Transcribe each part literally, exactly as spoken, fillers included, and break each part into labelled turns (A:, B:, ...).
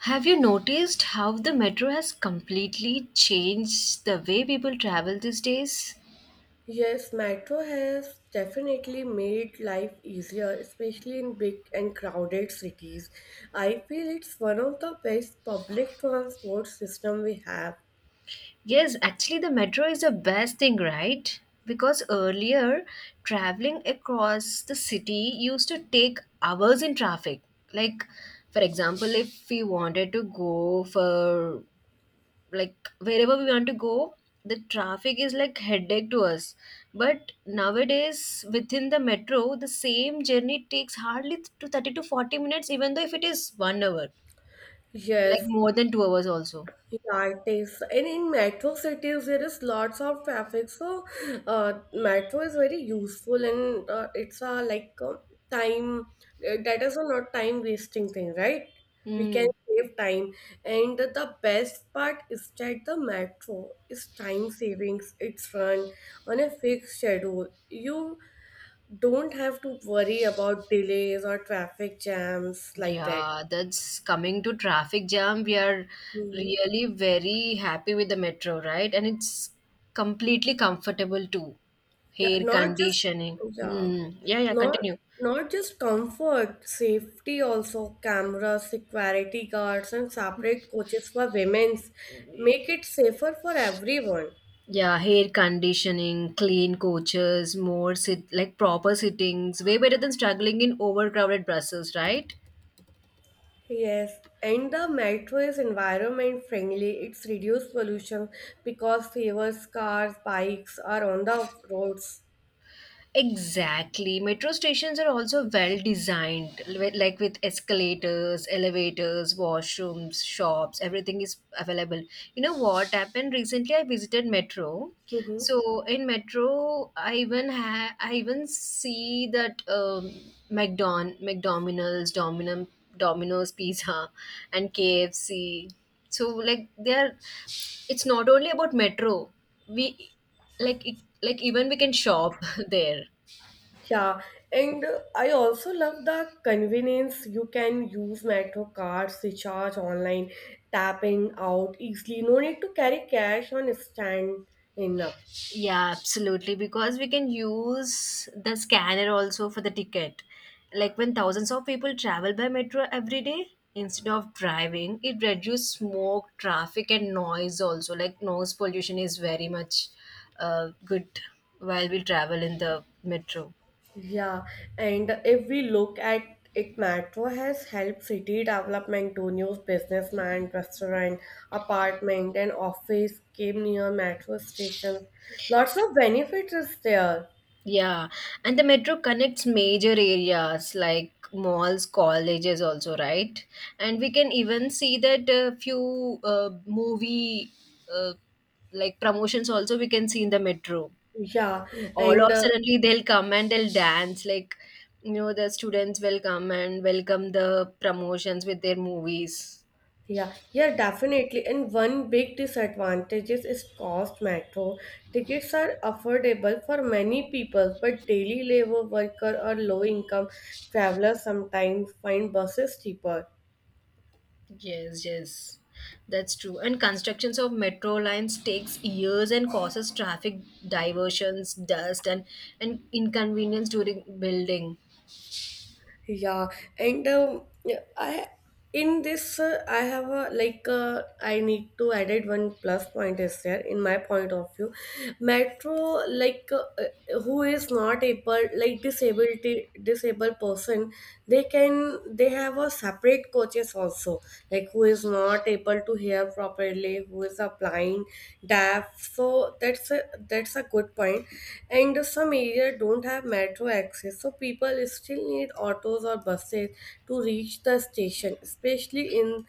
A: Have you noticed how the metro has completely changed the way people travel these days?
B: Yes, metro has definitely made life easier, especially in big and crowded cities. I feel it's one of the best public transport system we have.
A: Yes, actually, the metro is the best thing, right? Because earlier, traveling across the city used to take hours in traffic. Like, for example, if we wanted to go for like wherever we want to go, the traffic is like headache to us, but nowadays within the metro the same journey takes hardly to thirty to forty minutes, even though if it is one hour, like
B: Yes.
A: more than two hours also.
B: Yeah, it is. And in metro cities there is lots of traffic, so uh, metro is very useful, and uh, it's a, like, uh, time, uh, that is a not time wasting thing, right? We can
A: Mm.
B: save time, and the best part is that the metro is time savings. It's run on a fixed schedule. You don't have to worry about delays or traffic jams like that.
A: Yeah, that's coming to traffic jam. We are
B: Hmm.
A: really very happy with the metro, right? And it's completely comfortable too.
B: Yeah,
A: Hair
B: not just,
A: conditioning.
B: yeah,
A: Mm. Yeah, yeah,
B: not
A: continue.
B: not just comfort, safety also, cameras, security guards, and separate coaches for women's make it safer for everyone.
A: Yeah, hair conditioning, clean coaches, more sit like proper sittings, way better than struggling in overcrowded Brussels, right?
B: Yes, and the metro is environment friendly. It's reduced pollution because fewer cars, bikes are on the roads.
A: Exactly. Metro stations are also well designed, li- like with escalators, elevators, washrooms, shops, everything is available. You know what happened recently? I visited Metro. So in Metro, I even ha- I even see that um, McDon McDonald's, Dominum, Domino's Pizza, and K F C. So like they are, it's not only about Metro. We like e- like even we can shop there.
B: Yeah, and uh, I also love the convenience. You can use metro cards, recharge online, tapping out easily. No need to carry cash on stand in up.
A: Yeah, absolutely. Because we can use the scanner also for the ticket. Like when thousands of people travel by metro every day, instead of driving, it reduces smoke, traffic, and noise also. Like noise pollution is very much uh, good while we travel in the metro.
B: Yeah, and if we look at it, metro has helped city development to new businessman, restaurant, apartment, and office came near metro stations. Lots of benefits is there.
A: Yeah, and the metro connects major areas like malls, colleges, also, right? And we can even see that a few uh, movie uh, like promotions also we can see in the metro.
B: Yeah,
A: All
B: and
A: of
B: uh,
A: suddenly they'll come and they'll dance like, you know, the students will come and welcome the promotions with their movies.
B: yeah, yeah, definitely. And one big disadvantage is is cost. Metro tickets are affordable for many people, but daily labor worker or low income travelers sometimes find buses cheaper.
A: Yes, yes, that's true. And constructions of metro lines takes years and causes traffic diversions, dust, and and inconvenience during building.
B: Yeah, and um, yeah, I in this uh, I have a like uh, I need to edit, one plus point is there in my point of view. Metro, like, uh, uh, who is not able, like, disability disabled person, they can they have a separate coaches also, like, who is not able to hear properly, who is applying deaf, so that's a, that's a good point. And some areas don't have metro access, so people still need autos or buses to reach the station, especially in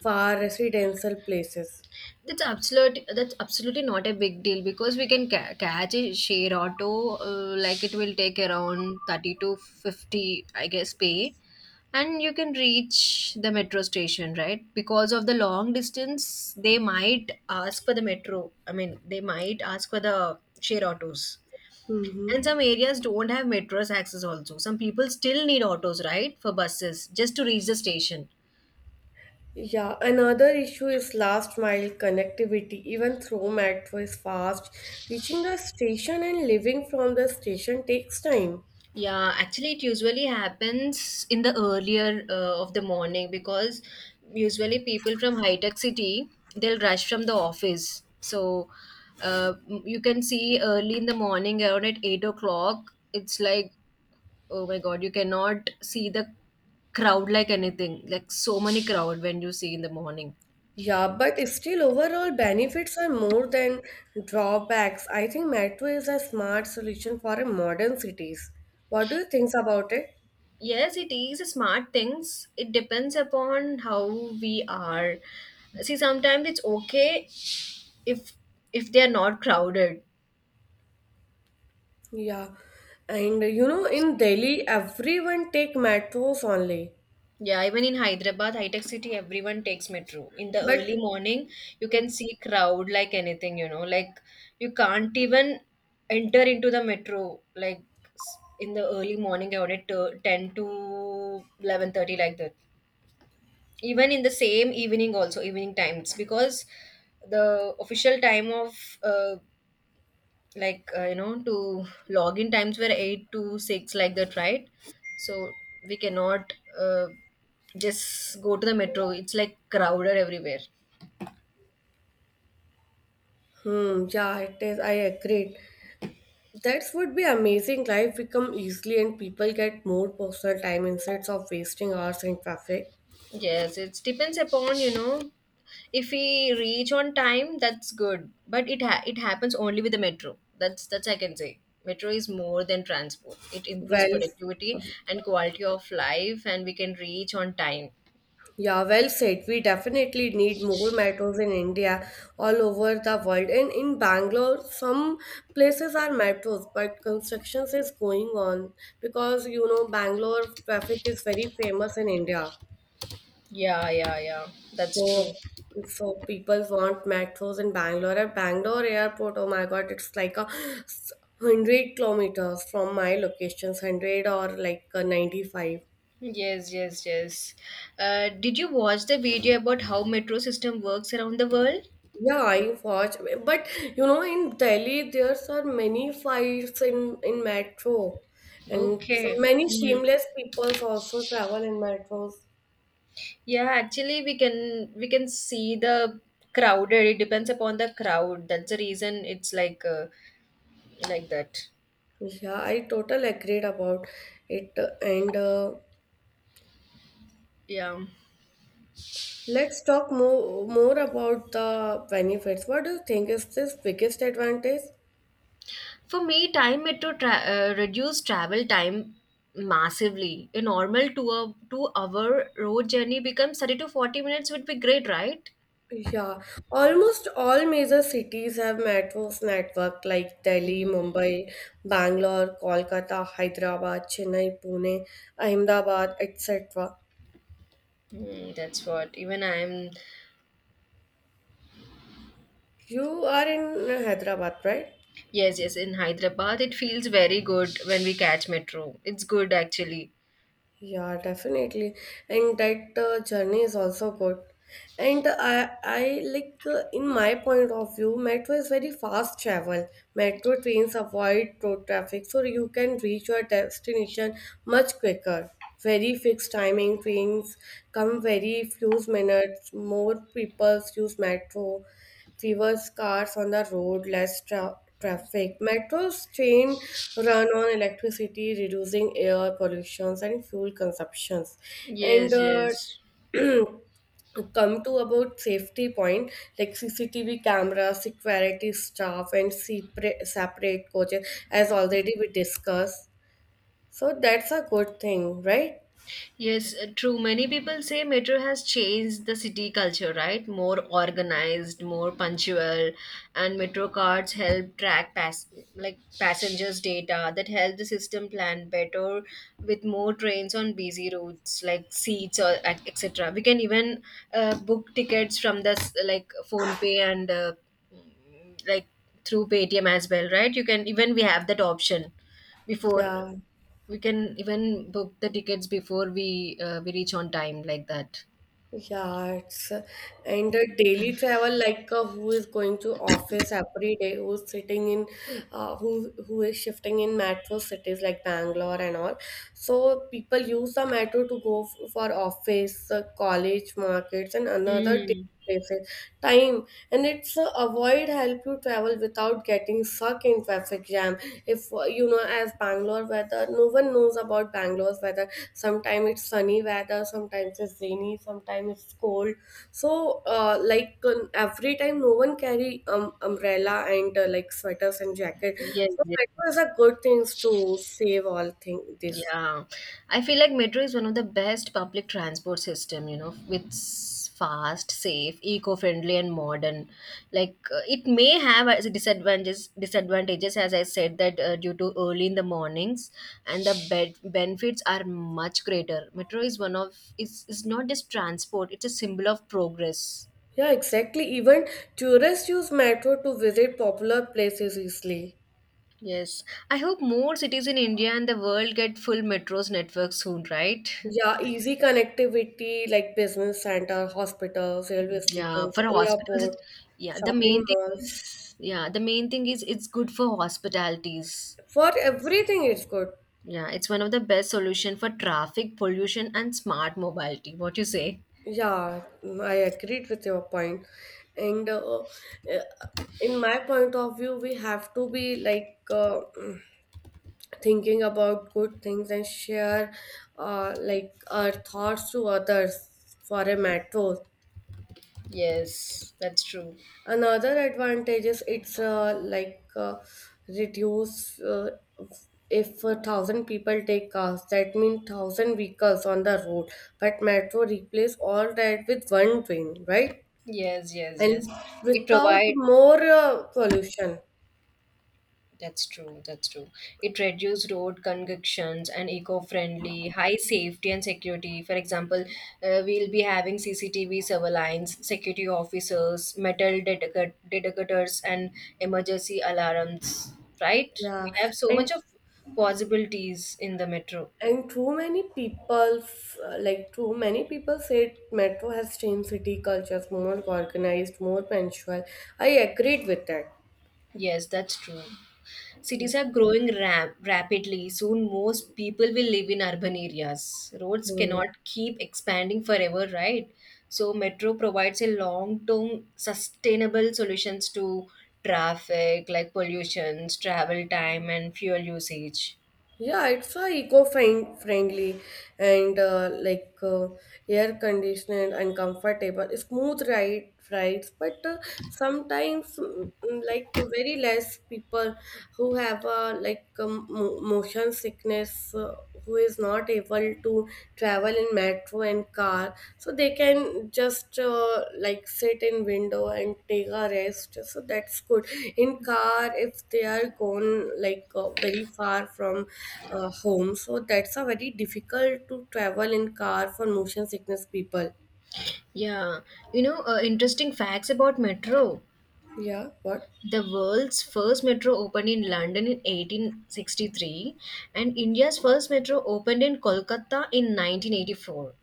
B: far residential places.
A: That's absolute. That's absolutely not a big deal because we can ca- catch a share auto. Uh, like it will take around thirty to fifty, I guess, pay, and you can reach the metro station, right? Because of the long distance, they might ask for the metro. I mean, they might ask for the share autos.
B: Mm-hmm.
A: And some areas don't have metros access also. Some people still need autos, right, for buses just to reach the station.
B: Yeah, another issue is last mile connectivity. Even though metro is fast, reaching the station and leaving from the station takes time.
A: Yeah, actually, it usually happens in the earlier uh, of the morning because usually people from high tech city, they'll rush from the office. So uh, you can see early in the morning around at eight o'clock. It's like, oh my god, you cannot see the crowd like anything. Like so many crowd when you see in the morning.
B: Yeah, but still, overall benefits are more than drawbacks. I think metro is a smart solution for a modern cities. What do you think about it?
A: Yes, it is smart things. It depends upon how we are. See, sometimes it's okay if if they are not crowded.
B: Yeah, and you know, in Delhi, everyone take metros only.
A: Yeah, even in Hyderabad, high tech city, everyone takes metro. In the early
B: But,
A: morning, you can see crowd like anything, you know, like you can't even enter into the metro like s- in the early morning around it, uh, ten to eleven thirty like that, even in the same evening also, evening times, because the official time of uh, like uh, you know, to login times were eight to six like that, right? So we cannot uh, just go to the metro, it's like crowded everywhere.
B: hmm, yeah, it is. I agree. That would be amazing. Life become easily, and people get more personal time instead of wasting hours in traffic.
A: Yes, it depends upon, you know, if we reach on time, that's good. But it ha- it happens only with the metro. That's that's I can say. Metro is more than transport. It improves
B: Well.
A: productivity and quality of life, and we can reach on time.
B: Yeah, well said. We definitely need more metros in India, all over the world. And in Bangalore, some places are metros, but constructions is going on because you know Bangalore traffic is very famous in India.
A: Yeah, yeah, yeah. That's true.
B: So, so people want metros in Bangalore. At Bangalore airport, oh my god, it's like a hundred kilometers from my locations, hundred or like a ninety-five.
A: Yes, yes, yes. Uh, did you watch the video about how metro system works around the world?
B: Yeah, I watch, but you know, in Delhi there's are many fights in in metro, and so
A: Okay.
B: many
A: Hmm.
B: shameless people also travel in metros.
A: Yeah, actually we can we can see the crowded. It depends upon the crowd. That's the reason it's like uh, like that.
B: Yeah, I totally agreed about it. And uh,
A: Yeah.
B: let's talk more more about the benefits. What do you think is this biggest advantage?
A: For me, time metro tra- uh, reduce travel time massively. A normal two hour, two hour road journey becomes thirty to forty minutes would be great, right?
B: Yeah, almost all major cities have metros network like Delhi,
A: Mm,
B: Mumbai, Bangalore, Kolkata, Hyderabad, Chennai, Pune, Ahmedabad, et cetera.
A: mm, that's what. Even I'm,
B: You are in Hyderabad, right?
A: yes, yes, in Hyderabad, it feels very good when we catch metro. It's good actually.
B: Yeah, definitely. And that uh, journey is also good. And I, I like, uh, in my point of view, metro is very fast travel. Metro trains avoid road traffic, so you can reach your destination much quicker. Very fixed timing trains come very few minutes. More people use metro, fewer cars on the road, less tra- traffic. Metro's train run on electricity, reducing air pollutions and fuel consumptions. And
A: Yes,
B: uh,
A: yes.
B: come to about safety point, like C C T V cameras, security staff, and separate, separate coaches, as already we discussed. So that's a good thing, right?
A: Yes, uh, true. Many people say metro has changed the city culture, right? More organized, more punctual, and metro cards help track pass like passengers' data that help the system plan better with more trains on busy routes like seats or et- etc. We can even uh, book tickets from the s- like phone pay and uh, like through Paytm as well, right? You can even we have that option before
B: Yeah.
A: we can even book the tickets before we uh, we reach on time like that.
B: Yeah, it's, and the daily travel, like, uh, who is going to office every day, who's sitting in, uh, who who is shifting in metro cities like Bangalore and all. So people use the metro to go f- for office, uh, college, markets, and another
A: Mm.
B: places, time, and it's uh, avoid help you travel without getting stuck in traffic jam. If, uh, you know, as Bangalore weather, no one knows about Bangalore's weather. Sometimes it's sunny weather, sometimes it's rainy, sometimes it's cold. So, uh, like, um, every time, no one carry um, umbrella and, uh, like, sweaters and jacket.
A: Yes,
B: So, metro is
A: yes.
B: a good things to save all thing this.
A: Yeah. I feel like metro is one of the best public transport system, you know, with s- fast, safe, eco-friendly and modern. Like uh, it may have as disadvantages disadvantages as I said that uh, due to early in the mornings, and the bed benefits are much greater. Metro is one of is is not just transport, it's a symbol of progress.
B: Yeah, exactly. Even tourists use metro to visit popular places easily.
A: Yes, I hope more cities in India and the world get full metros network soon, right?
B: Yeah, easy connectivity like business center, hospitals, railway
A: Yeah,
B: stations,
A: for hospitals,
B: airport,
A: it- yeah, the
B: shopping
A: main thing
B: malls.
A: is, yeah, the main thing is it's good for hospitalities.
B: For
A: It's,
B: everything, it's good.
A: yeah, it's one of the best solution for traffic pollution and smart mobility. What you say?
B: Yeah, I agreed with your point. And uh, uh, in my point of view, we have to be, like, uh, thinking about good things and share, uh, like, our thoughts to others for a matter.
A: Yes, that's true.
B: Another advantage is it's, uh, like, uh, reduce, uh, if a thousand people take cars, that means thousand vehicles on the road. But metro replace all that with one train, right?
A: Yes, yes,
B: And
A: yes. It
B: without
A: provide
B: more uh, pollution.
A: That's true. That's true. It reduced road congestions and eco-friendly, high safety and security. For example, uh, we'll be having C C T V surveillance, security officers, metal detector- detectors, and emergency alarms. Right? We
B: Yeah,
A: have so much
B: and
A: of possibilities in the metro.
B: and too many people, uh, like, too many people say metro has changed city cultures more organized, more punctual. I agreed with that.
A: Yes, that's true. Cities are growing rap- rapidly. Soon, most people will live in urban areas. Roads
B: Hmm.
A: cannot keep expanding forever, right? So, metro provides a long term sustainable solutions to traffic like pollutions, travel time, and fuel usage.
B: Yeah, it's a eco-friendly and, uh, like, uh, air conditioned and comfortable, smooth ride rides. But, uh, sometimes, mm, mm, like very less people who have, uh, like, um, mo- motion sickness, uh, who is not able to travel in metro and car, so they can just, uh, like, sit in window and take a rest, so that's good. In car, if they are gone, like, uh, very far from, uh, home, so that's a very difficult to travel in car for motion sickness people.
A: Yeah, you know, uh, interesting facts about metro.
B: Yeah, what?
A: The world's first metro opened in London in eighteen sixty-three, and India's first metro opened in Kolkata in nineteen eighty-four.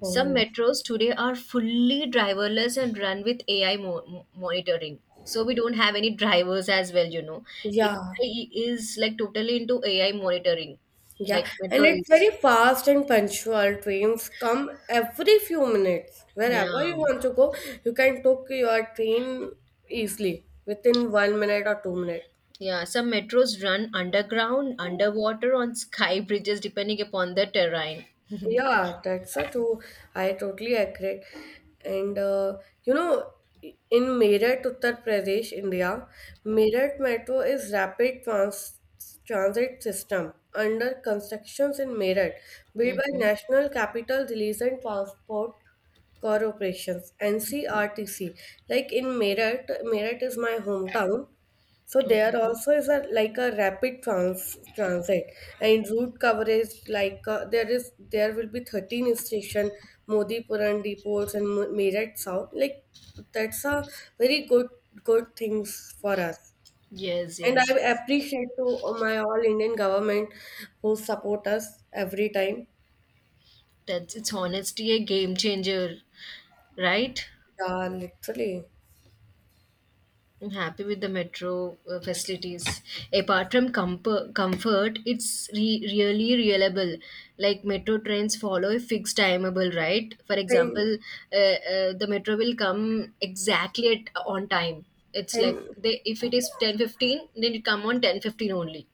A: Some
B: Oh.
A: metros today are fully driverless and run with A I mo- mo- monitoring. So we don't have any drivers as well, you know.
B: Yeah.
A: A I is like totally into A I monitoring,
B: Yeah,
A: like
B: and
A: metro
B: it's
A: is.
B: very fast and punctual. Trains come every few minutes. Wherever
A: Yeah.
B: you want to go, you can take your train easily within one minute or two minutes.
A: Yeah. Some metros run underground, underwater, on sky bridges, depending upon the terrain.
B: Yeah, that's a true. I totally agree. And, uh, you know, in Meerut, Uttar Pradesh, India, Meerut Metro is rapid trans transit system under constructions in Meerut, built by
A: Mm-hmm.
B: National Capital Release and Transport Corporations (N C R T C). Like in Meerut, Meerut is my hometown. So there
A: Okay.
B: also is a like a rapid trans transit and route coverage, like, uh, there is there will be thirteen station, Modipuram depots and Mu- Meerut South, like, that's a very good, good things for us.
A: Yes,
B: And I
A: yes, yes.
B: appreciate to my all Indian government who support us every time.
A: That's, it's honestly a game changer, right?
B: Yeah, literally.
A: I'm happy with the metro uh, facilities. Apart from compo- comfort, it's re- really reliable. Like metro trains follow a fixed timeable, right? For
B: And,
A: example, uh, uh, the metro will come exactly at on time. It's like
B: and.
A: they, if it is ten fifteen, then it come on ten fifteen only.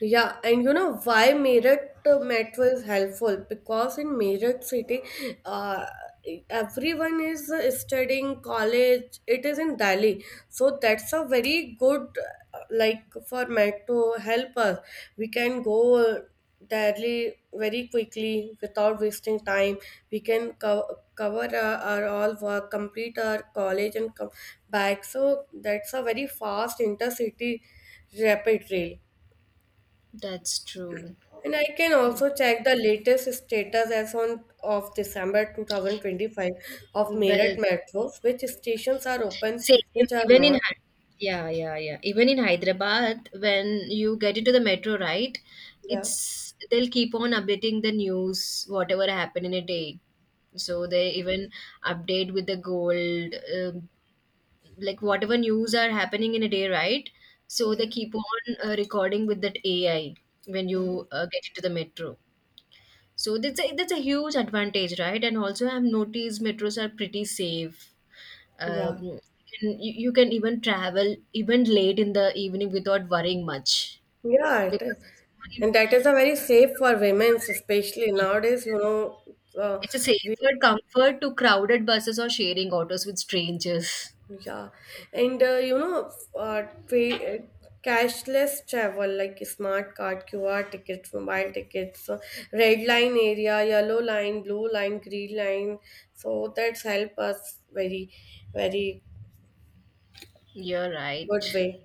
B: Yeah, and you know why Meerut uh, metro is helpful? Because in Meerut city, uh, everyone is, uh, studying college. It is in Delhi, so that's a very good, uh, like, for metro help us. We can go, uh, Delhi very quickly without wasting time. We can co- cover, uh, our all work, complete our college, and come back. So that's a very fast intercity rapid rail.
A: That's true.
B: And I can
A: Yeah.
B: also check the latest status as on of December two thousand twenty-five of Meerut
A: Well,
B: Metro, which stations are open,
A: Same,
B: which are
A: even in
B: not.
A: Hy- yeah, yeah, yeah. Even in Hyderabad, when you get into the metro, right?
B: Yeah,
A: It's they'll keep on updating the news, whatever happened in a day. So they even update with the gold, um, like whatever news are happening in a day, right? So they
B: yeah,
A: keep on uh, recording with that A I when you uh, get into the metro. So that's a that's a huge advantage, right? And also, I've noticed metros are pretty safe
B: yeah,
A: um, and you, you can even travel even late in the evening without worrying much
B: yeah. It is.
A: because it's only-
B: And that is a very safe for women, especially
A: Yes,
B: nowadays. You
A: yes.
B: know, uh,
A: It's a
B: we.
A: safer comfort to crowded buses or sharing autos with strangers.
B: Yeah, and uh, you know, uh, tra- uh, cashless travel like smart card, Q R tickets, mobile tickets, uh, red line area, yellow line, blue line, green line. So that's help us very, very
A: You're
B: good
A: right.
B: way.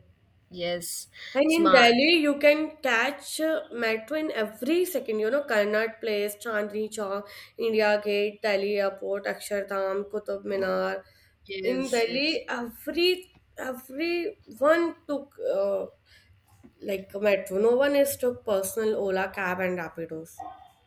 A: Yes,
B: And in
A: smart.
B: Delhi, you can catch uh, metro in every second. You know, Karnat Place, Chandni Chowk, India Gate, Delhi Airport, Akshardham, Qutub Minar. In
A: Yes, yes.
B: Delhi, every everyone took, uh, like, a metro. No one is took personal Ola cab and Rapidos.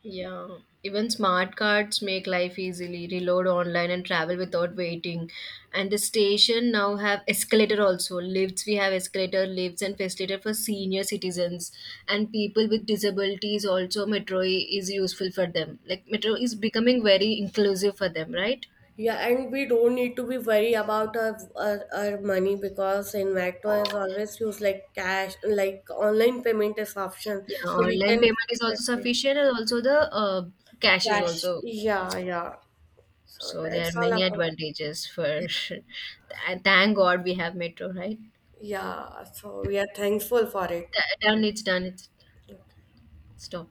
A: Yeah, even smart cards make life easily. Reload online and travel without waiting. And the station now have escalator also. Lifts, we have escalator lifts and facilitator for senior citizens and people with disabilities. Also metro is useful for them. Like metro is becoming very inclusive for them, right?
B: Yeah, and we don't need to be worried about our, our, our money because in Metro is always used like cash, like online payment is option,
A: Yeah,
B: so we
A: online
B: can.
A: payment is also sufficient and also the uh, cash is
B: Flash.
A: also.
B: Yeah, yeah. So
A: So there
B: that's
A: are
B: all
A: many
B: about.
A: advantages for and thank God we have metro, right?
B: Yeah, so we are thankful for it.
A: Th- Done, it's done, it's Stop.